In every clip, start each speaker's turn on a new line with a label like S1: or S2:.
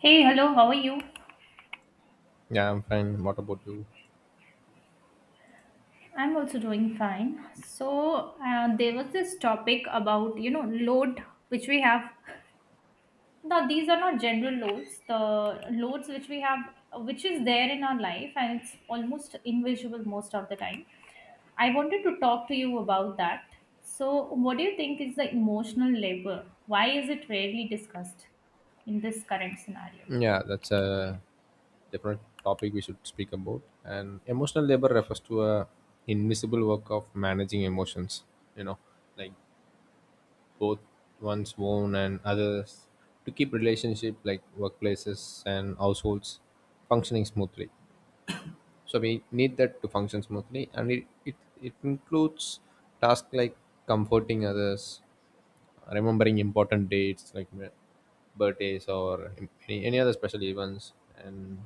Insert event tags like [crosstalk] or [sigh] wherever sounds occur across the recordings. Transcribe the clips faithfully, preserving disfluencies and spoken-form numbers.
S1: Hey, hello, how are you?
S2: Yeah, I'm fine. What about you?
S1: I'm also doing fine. So, uh, there was this topic about, you know, load which we have. Now, these are not general loads, the loads which we have, which is there in our life, and it's almost invisible most of the time. I wanted to talk to you about that. So, what do you think is the emotional labor? Why is it rarely discussed in this current scenario?
S2: Yeah, that's a different topic we should speak about. And emotional labor refers to a invisible work of managing emotions, you know, like both one's own and others to keep relationship like workplaces and households functioning smoothly. So we need that to function smoothly, and it, it, it includes tasks like comforting others, remembering important dates like mi- birthdays or im- any, any other special events, and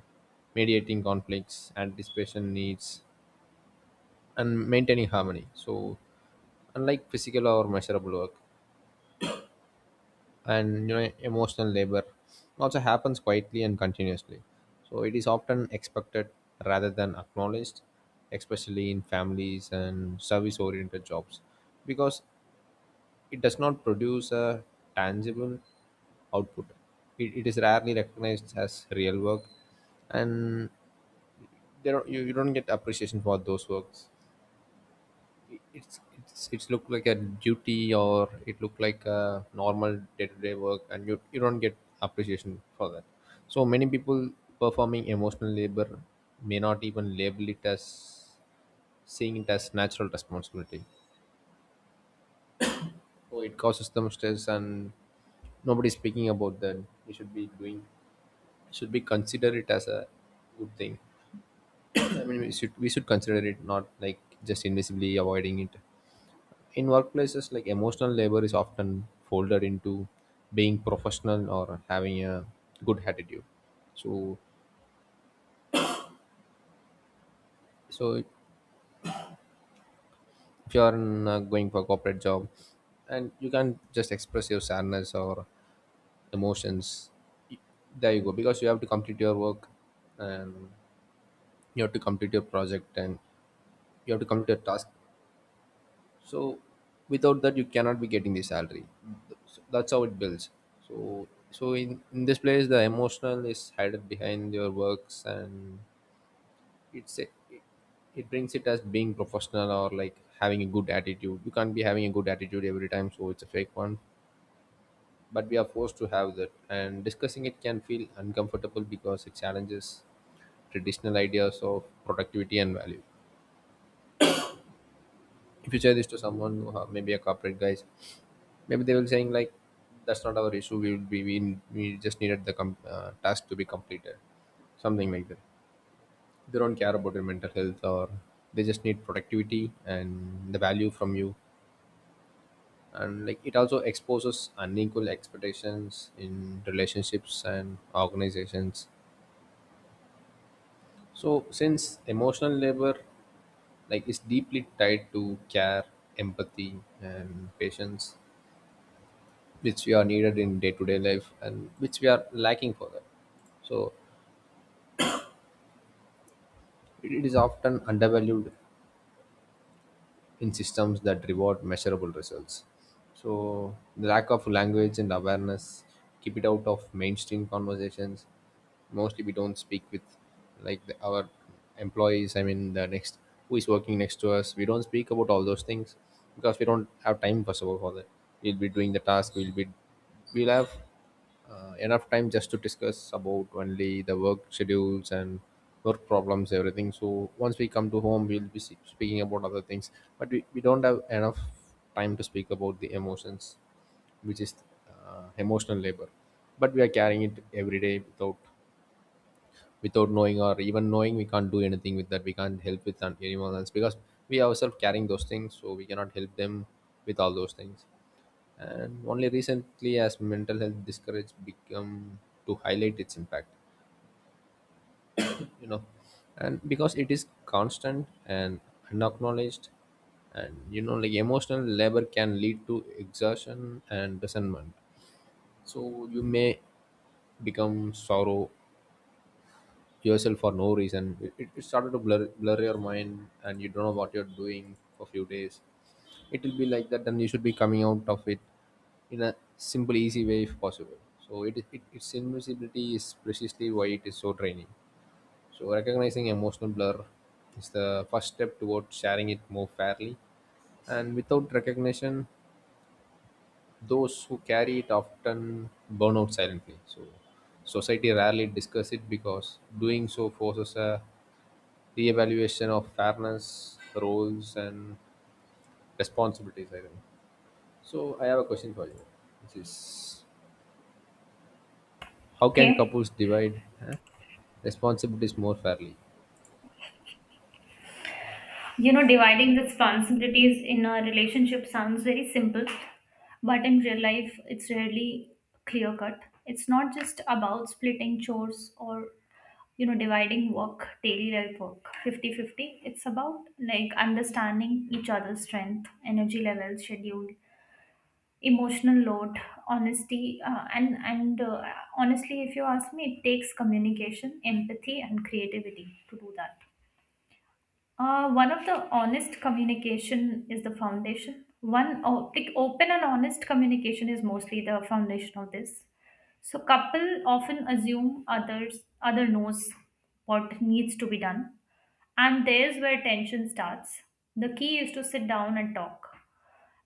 S2: mediating conflicts anticipation needs and maintaining harmony. So unlike physical or measurable work, and you know emotional labor also happens quietly and continuously, so it is often expected rather than acknowledged, especially in families and service oriented jobs, because it does not produce a tangible output. It, it is rarely recognized as real work, and there are, you, you don't get appreciation for those works. It, it's it's it's looked like a duty, or it looked like a normal day-to-day work, and you you don't get appreciation for that. So many people performing emotional labor may not even label it, as seeing it as natural responsibility. So it causes them stress, and nobody's speaking about that. We should be doing, should be consider it as a good thing. I mean, we should we should consider it, not like just invisibly avoiding it. In workplaces, like emotional labor is often folded into being professional or having a good attitude. So so if you are in, uh, going for a corporate job, and you can just express your sadness or emotions, y- there you go, because you have to complete your work, and you have to complete your project, and you have to complete a task, so without that you cannot be getting the salary. So that's how it builds. So so in, in this place the emotional is hidden behind your works, and it's a, it brings it as being professional or like having a good attitude. You can't be having a good attitude every time, so it's a fake one, but we are forced to have that. And discussing it can feel uncomfortable because it challenges traditional ideas of productivity and value. If you say this to someone who have, maybe a corporate guys, maybe they will saying like, that's not our issue, we would be we, we just needed the com- uh, task to be completed, something like that. They don't care about your mental health, or they just need productivity and the value from you. And like it also exposes unequal expectations in relationships and organizations. So since emotional labor, like, is deeply tied to care, empathy, and patience, which we are needed in day-to-day life and which we are lacking for that. So it it is often undervalued in systems that reward measurable results. So the lack of language and awareness keep it out of mainstream conversations. Mostly we don't speak with, like, the, our employees. I mean the next who is working next to us. We don't speak about all those things because we don't have time, first of all, for that. We'll be doing the task. We'll be we'll have uh, enough time just to discuss about only the work schedules and work problems, everything. So once we come to home, we'll be se- speaking about other things, but we, we don't have enough time to speak about the emotions, which is uh, emotional labor. But we are carrying it every day, without without knowing, or even knowing we can't do anything with that. We can't help with an- anyone else because we ourselves carrying those things, so we cannot help them with all those things. And only recently as mental health discourage become to highlight its impact, you know and because it is constant and unacknowledged, and you know like emotional labor can lead to exhaustion and resentment. So you may become sorrow yourself for no reason. It, it it started to blur blur your mind, and you don't know what you're doing for few days. It will be like that. Then you should be coming out of it in a simple easy way, if possible. So it, it its invisibility is precisely why it is so draining. So recognizing emotional blur is the first step towards sharing it more fairly. And without recognition, those who carry it often burn out silently. So society rarely discuss it, because doing so forces a reevaluation of fairness, roles, and responsibilities, I think. So I have a question for you, which is, how can
S1: Okay.
S2: couples divide huh, responsibilities more fairly?
S1: You know, dividing responsibilities in a relationship sounds very simple, but in real life, it's rarely clear cut. It's not just about splitting chores or, you know, dividing work, daily life work fifty-fifty. It's about like understanding each other's strength, energy levels, schedule, emotional load, honesty. Uh, and and uh, honestly, if you ask me, it takes communication, empathy, and creativity to do that. Uh, one of the honest communication is the foundation. One o- like open and honest communication is mostly the foundation of this. So couple often assume others other knows what needs to be done, and there's where tension starts. The key is to sit down and talk,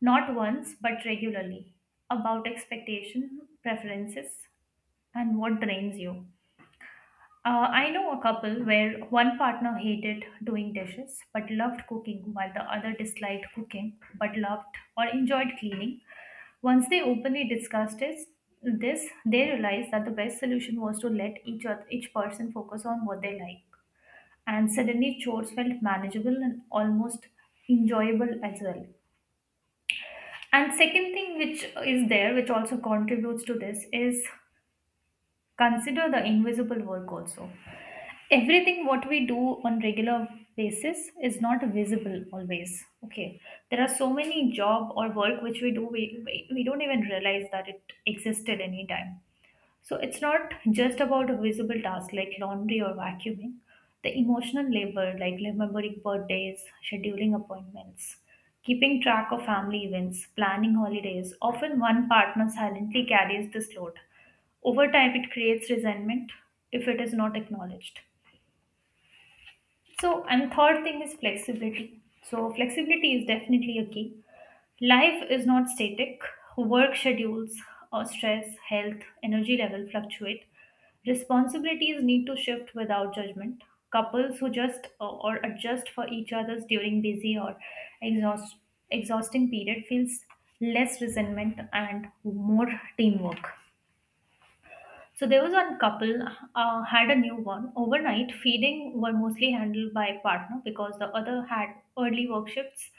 S1: not once but regularly, about expectation, preferences, and what drains you. Uh, I know a couple where one partner hated doing dishes but loved cooking, while the other disliked cooking but loved or enjoyed cleaning. Once they openly discussed this, this, they realized that the best solution was to let each other, each person focus on what they like, and suddenly chores felt manageable and almost enjoyable as well. And second thing which is there, which also contributes to this, is consider the invisible work also. Everything what we do on regular basis is not visible always, okay. There are so many job or work which we do, we, we, we don't even realize that it existed anytime. So it's not just about a visible task like laundry or vacuuming. The emotional labor like remembering birthdays, scheduling appointments, keeping track of family events, planning holidays, often one partner silently carries this load. Over time, it creates resentment if it is not acknowledged. So, and third thing is flexibility. So, flexibility is definitely a key. Life is not static. Work schedules, uh, stress, health, energy level fluctuate. Responsibilities need to shift without judgment. Couples who just uh, or adjust for each other's during busy or exhaust, exhausting period feels less resentment and more teamwork. So there was one couple uh, had a newborn overnight. Feeding were mostly handled by partner because the other had early work shifts.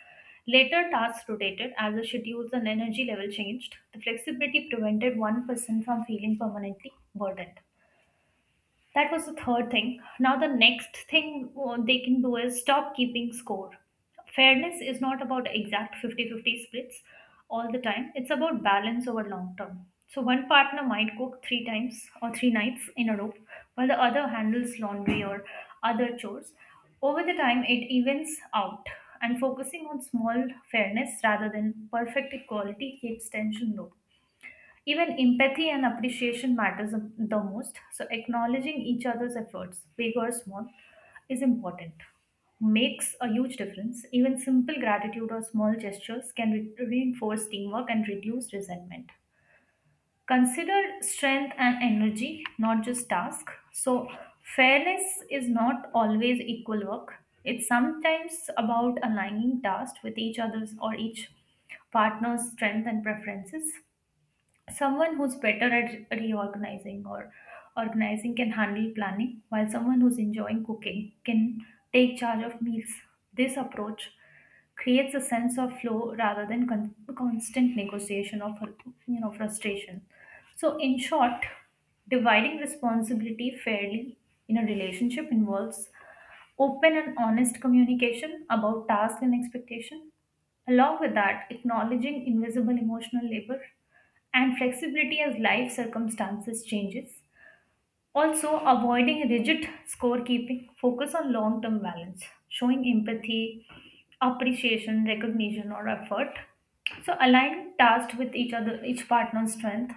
S1: Later tasks rotated as the schedules and energy level changed. The flexibility prevented one person from feeling permanently burdened. That was the third thing. Now, the next thing uh, they can do is stop keeping score. Fairness is not about exact fifty-fifty splits all the time, it's about balance over long term. So, one partner might cook three times or three nights in a row, while the other handles laundry or other chores. Over the time, it evens out, and focusing on small fairness rather than perfect equality keeps tension low. Even empathy and appreciation matters the most. So acknowledging each other's efforts, big or small, is important. Makes a huge difference. Even simple gratitude or small gestures can re- reinforce teamwork and reduce resentment. Consider strength and energy, not just task. So fairness is not always equal work. It's sometimes about aligning tasks with each other's or each partner's strength and preferences. Someone who's better at reorganizing or organizing can handle planning, while someone who's enjoying cooking can take charge of meals. This approach creates a sense of flow rather than con- constant negotiation of, you know, frustration. So in short, dividing responsibility fairly in a relationship involves open and honest communication about task and expectation, along with that acknowledging invisible emotional labor, and flexibility as life circumstances changes. Also, avoiding rigid scorekeeping, focus on long-term balance, showing empathy, appreciation, recognition, or effort. So align tasks with each other, each partner's strength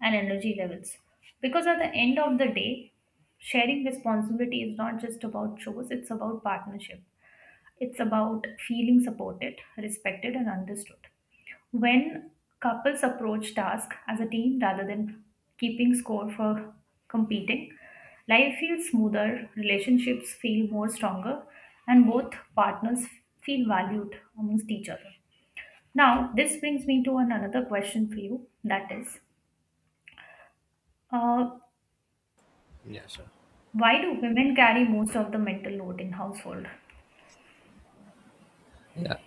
S1: and energy levels. Because at the end of the day, sharing responsibility is not just about chores. It's about partnership. It's about feeling supported, respected, and understood. When couples approach tasks as a team rather than keeping score for competing, life feels smoother, relationships feel more stronger, and both partners feel valued amongst each other. Now, this brings me to an- another question for you that is, uh,
S2: Yeah, sure.
S1: why do women carry most of the mental load in household?
S2: Yeah.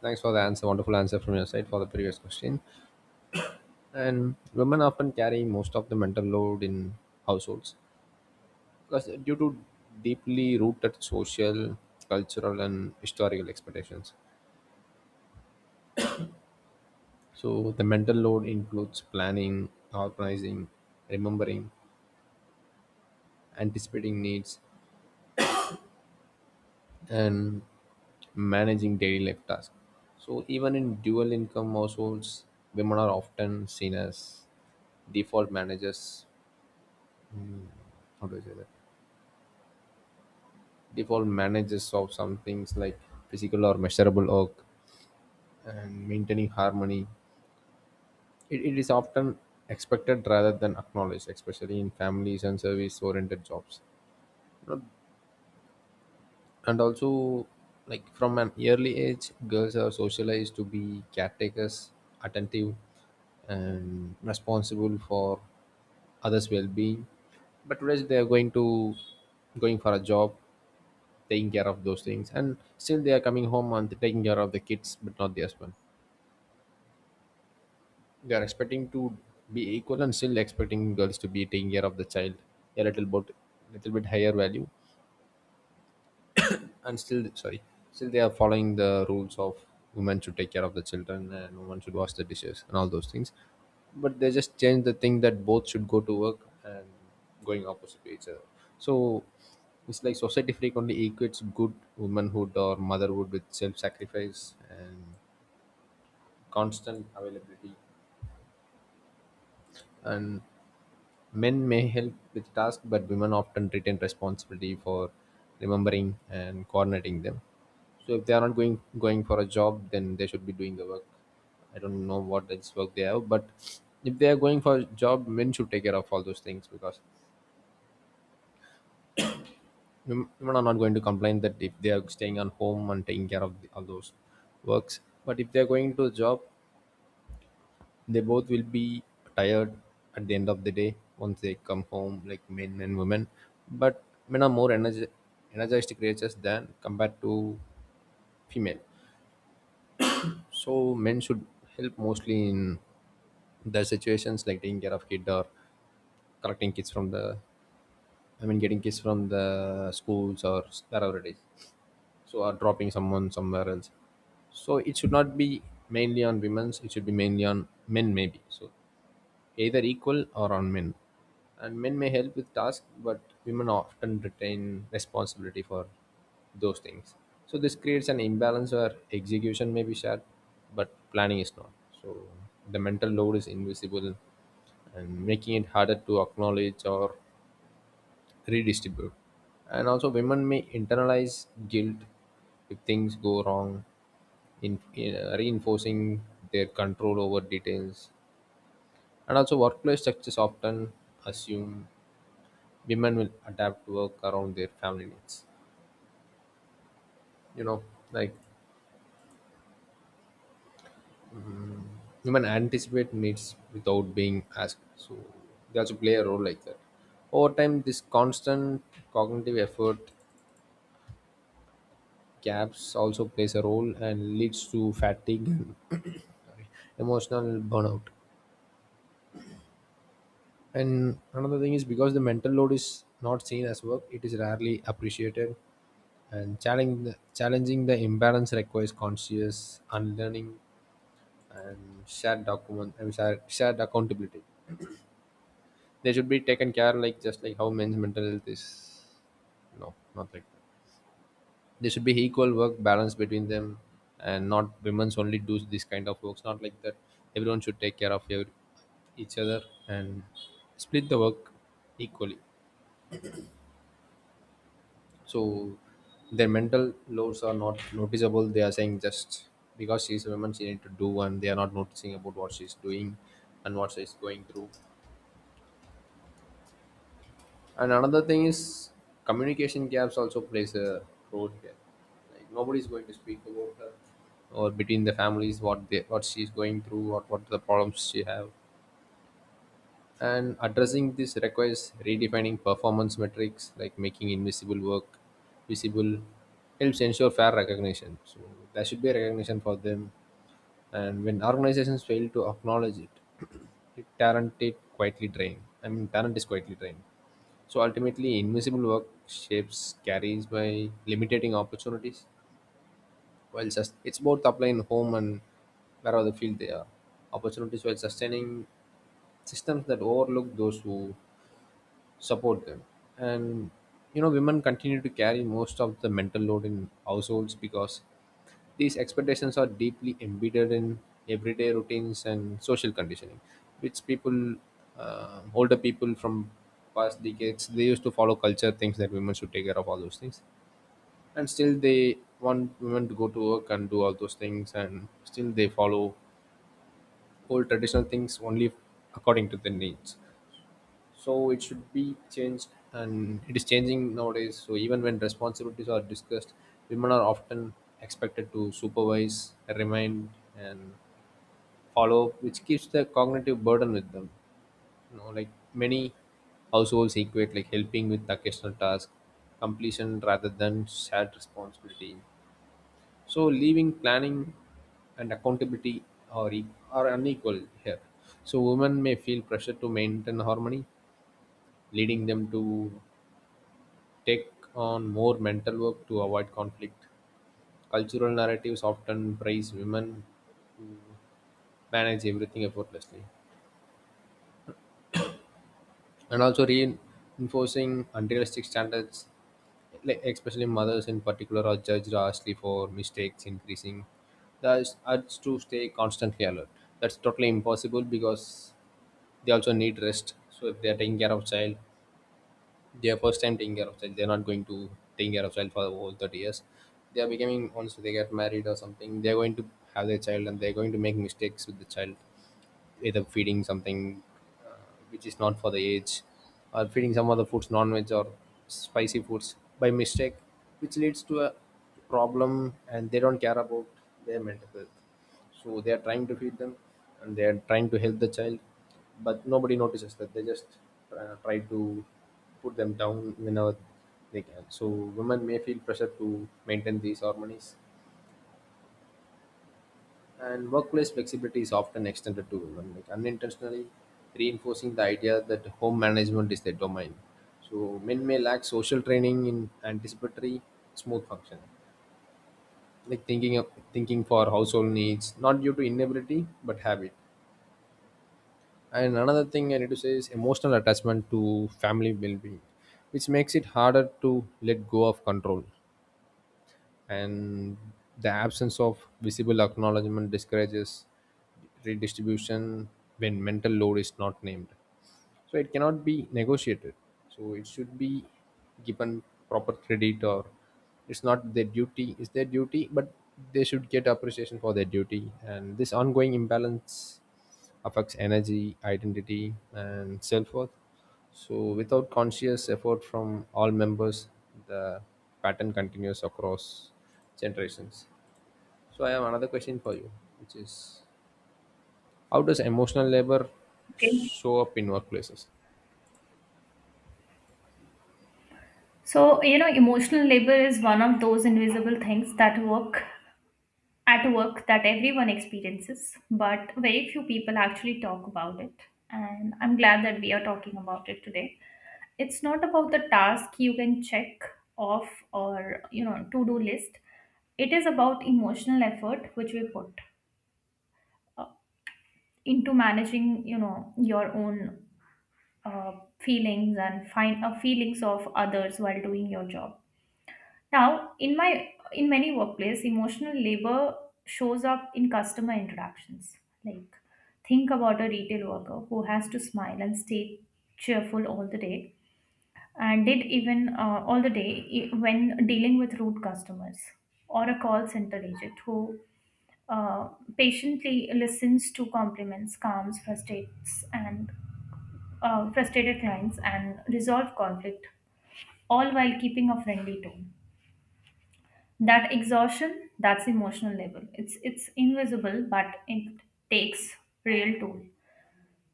S2: Thanks for the answer. Wonderful answer from your side for the previous question. And women often carry most of the mental load in households because due to deeply rooted social, cultural, and historical expectations. So the mental load includes planning, organizing, remembering, anticipating needs, and managing daily life tasks. So, even in dual income households, women are often seen as default managers. How do I say that? Default managers of some things, like physical or measurable work and maintaining harmony. It, it is often expected rather than acknowledged, especially in families and service oriented jobs. And also, like, from an early age girls are socialized to be caretakers, attentive, and responsible for others well-being. But today they are going to going for a job, taking care of those things, and still they are coming home and taking care of the kids but not the husband. They are expecting to be equal and still expecting girls to be taking care of the child, a little bit little bit higher value. And still sorry still they are following the rules of women should take care of the children, and women should wash the dishes and all those things. But they just change the thing that both should go to work and going opposite to each other. So it's like society frequently equates good womanhood or motherhood with self-sacrifice and constant availability. And men may help with tasks, but women often retain responsibility for remembering and coordinating them. So if they are not going going for a job, then they should be doing the work. I don't know what this work they have, but if they are going for a job, men should take care of all those things, because wom- women are not going to complain that if they are staying on home and taking care of the, all those works. But if they are going to a job, they both will be tired at the end of the day once they come home, like men and women. But men are more energy, energized creatures than compared to female. So men should help mostly in their situations, like taking care of kid, or collecting kids from the I mean getting kids from the schools or wherever it is. So, or dropping someone somewhere else. So it should not be mainly on women's, it should be mainly on men, maybe. So either equal, or on men. And men may help with tasks, but women often retain responsibility for those things. So this creates an imbalance where execution may be shared, but planning is not. So the mental load is invisible, and making it harder to acknowledge or redistribute. And also, women may internalize guilt if things go wrong, in, in- uh, reinforcing their control over details. And also, workplace structures often assume women will adapt to work around their family needs. You know, like women anticipate needs without being asked. So they also play a role like that. Over time, this constant cognitive effort gaps also plays a role and leads to fatigue and [coughs] [clears throat] sorry, emotional burnout. And another thing is, because the mental load is not seen as work, it is rarely appreciated. And challenging the, challenging the imbalance requires conscious unlearning, and shared document, and shared, shared accountability. They should be taken care, like just like how men's mental health is. No, not like that. There should be equal work balance between them, and not women's only do this kind of works. Not like that. Everyone should take care of every, each other, and split the work equally. So their mental loads are not noticeable. They are saying, just because she's a woman, she need to do, and they are not noticing about what she's doing and what she's going through. And another thing is communication gaps also plays a role here. Like nobody's going to speak about her, or between the families, what they what she's going through, what what the problems she have. And addressing this requires redefining performance metrics, like making invisible work visible, helps ensure fair recognition. So there should be recognition for them. And when organizations fail to acknowledge it, [clears throat] it talent it quietly drained. I mean, talent is quietly drained. So ultimately, invisible work shapes carries by limiting opportunities, while just it's both applying home and wherever the field they are. Opportunities while sustaining systems that overlook those who support them. And you know women continue to carry most of the mental load in households, because these expectations are deeply embedded in everyday routines and social conditioning, which people uh, older people from past decades they used to follow culture things, that women should take care of all those things, and still they want women to go to work and do all those things, and still they follow old traditional things only according to their needs. So it should be changed, and it is changing nowadays. So even when responsibilities are discussed, women are often expected to supervise, remind, and follow up, which keeps the cognitive burden with them. You know like many households equate like helping with occasional task completion rather than shared responsibility. So leaving planning and accountability are, e- are unequal here. So women may feel pressure to maintain harmony, leading them to take on more mental work to avoid conflict. Cultural narratives often praise women manage everything effortlessly, and also reinforcing unrealistic standards, like especially mothers in particular, are judged harshly for mistakes increasing. Thus, urge to stay constantly alert. That's totally impossible because they also need rest. So if they are taking care of child, they are first time taking care of child. They're not going to taking care of child for the whole thirty years. They are becoming, once they get married or something, they're going to have their child, and they're going to make mistakes with the child, either feeding something, uh, which is not for the age, or feeding some other foods, non-veg or spicy foods by mistake, which leads to a problem. And they don't care about their mental health, so they are trying to feed them, and they are trying to help the child. But nobody notices that. They just uh, try to put them down whenever they can. So women may feel pressure to maintain these harmonies, and workplace flexibility is often extended to women, like unintentionally reinforcing the idea that home management is their domain. So men may lack social training in anticipatory smooth functioning, like thinking of thinking for household needs, not due to inability but habit. And another thing I need to say is emotional attachment to family well being, which makes it harder to let go of control. And the absence of visible acknowledgement discourages redistribution. When mental load is not named, so it cannot be negotiated. So it should be given proper credit, or it's not their duty, it's their duty, but they should get appreciation for their duty. And this ongoing imbalance affects energy, identity, and self-worth. So without conscious effort from all members, the pattern continues across generations. So I have another question for you, which is, how does emotional labor
S1: Okay.
S2: show up in workplaces
S1: So, you know, emotional labor is one of those invisible things that work at work that everyone experiences, but very few people actually talk about it. And I'm glad that we are talking about it today. It's not about the task you can check off or, you know, to do list. It is about emotional effort which we put into managing, you know, your own uh, feelings and find uh, feelings of others while doing your job. Now, in my in many workplace, emotional labor shows up in customer interactions. Like think about a retail worker who has to smile and stay cheerful all the day, and did even uh, all the day i- when dealing with rude customers, or a call center agent who uh, patiently listens to compliments, calms frustrates and uh, frustrated clients and resolve conflict, all while keeping a friendly tone. That exhaustion, that's emotional level. It's it's invisible, but it takes real toll.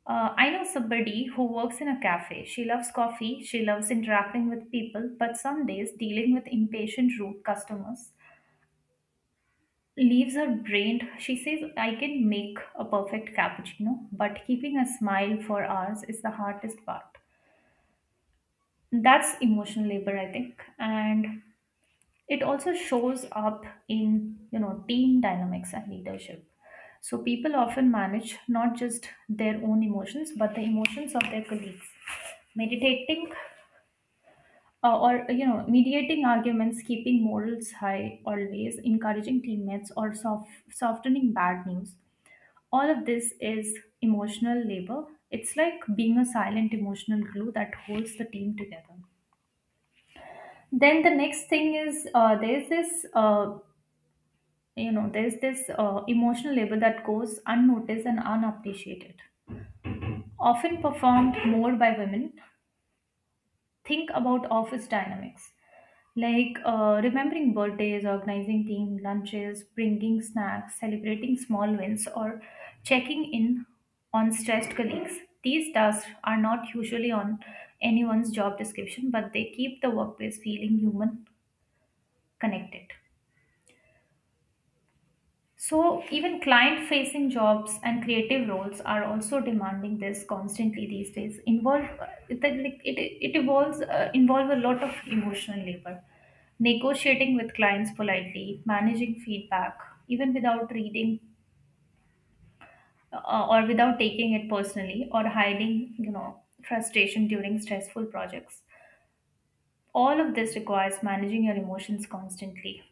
S1: Uh, I know somebody who works in a cafe. She loves coffee. She loves interacting with people. But some days, dealing with impatient, rude customers leaves her drained. She says, "I can make a perfect cappuccino, but keeping a smile for hours is the hardest part." That's emotional labor, I think, and it also shows up in, you know, team dynamics and leadership. So people often manage not just their own emotions but the emotions of their colleagues, meditating uh, or you know mediating arguments, keeping morals high, always encouraging teammates, or soft, softening bad news. All of this is emotional labor. It's like being a silent emotional glue that holds the team together. Then the next thing is uh, there's this uh, you know there's this uh, emotional labor that goes unnoticed and unappreciated, often performed more by women. Think about office dynamics, like uh, remembering birthdays, organizing team lunches, bringing snacks, celebrating small wins, or checking in on stressed colleagues. These tasks are not usually on anyone's job description, but they keep the workplace feeling human, connected. So, even client facing jobs and creative roles are also demanding this constantly these days. Involve it, like, it, it evolves, uh, Involve a lot of emotional labor. Negotiating with clients politely, managing feedback, even without reading uh, or without taking it personally, or hiding, you know, frustration during stressful projects, all of this requires managing your emotions constantly,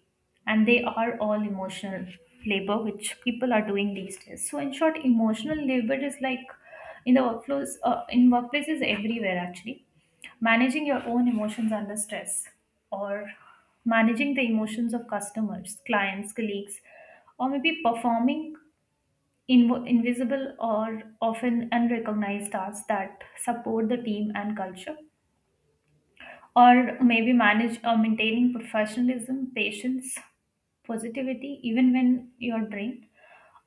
S1: and they are all emotional labor, which people are doing these days. So, in short, emotional labor is like in the workflows, uh, in workplaces everywhere actually. Managing your own emotions under stress, or managing the emotions of customers, clients, colleagues, or maybe performing inv- invisible or often unrecognized tasks that support the team and culture, or maybe manage or maintaining professionalism, patience, positivity, even when you're drained.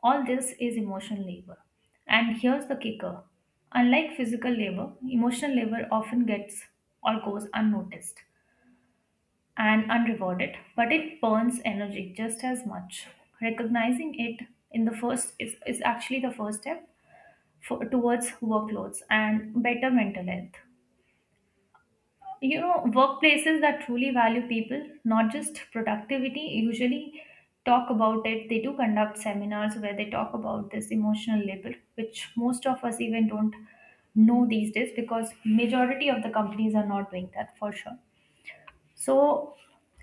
S1: All this is emotional labor. And here's the kicker: unlike physical labor, emotional labor often gets or goes unnoticed and unrewarded, but it burns energy just as much. Recognizing it in the first is, is actually the first step for, towards workloads and better mental health. You know, workplaces that truly value people, not just productivity, usually talk about it. They do conduct seminars where they talk about this emotional labor, which most of us even don't know these days, because majority of the companies are not doing that for sure. So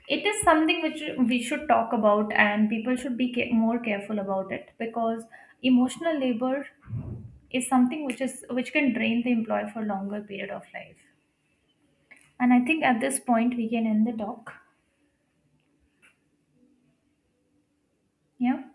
S1: it is something which we should talk about, and people should be ca- more careful about it, because emotional labor is something which is which can drain the employee for longer period of life. And I think at this point we can end the talk. Yeah.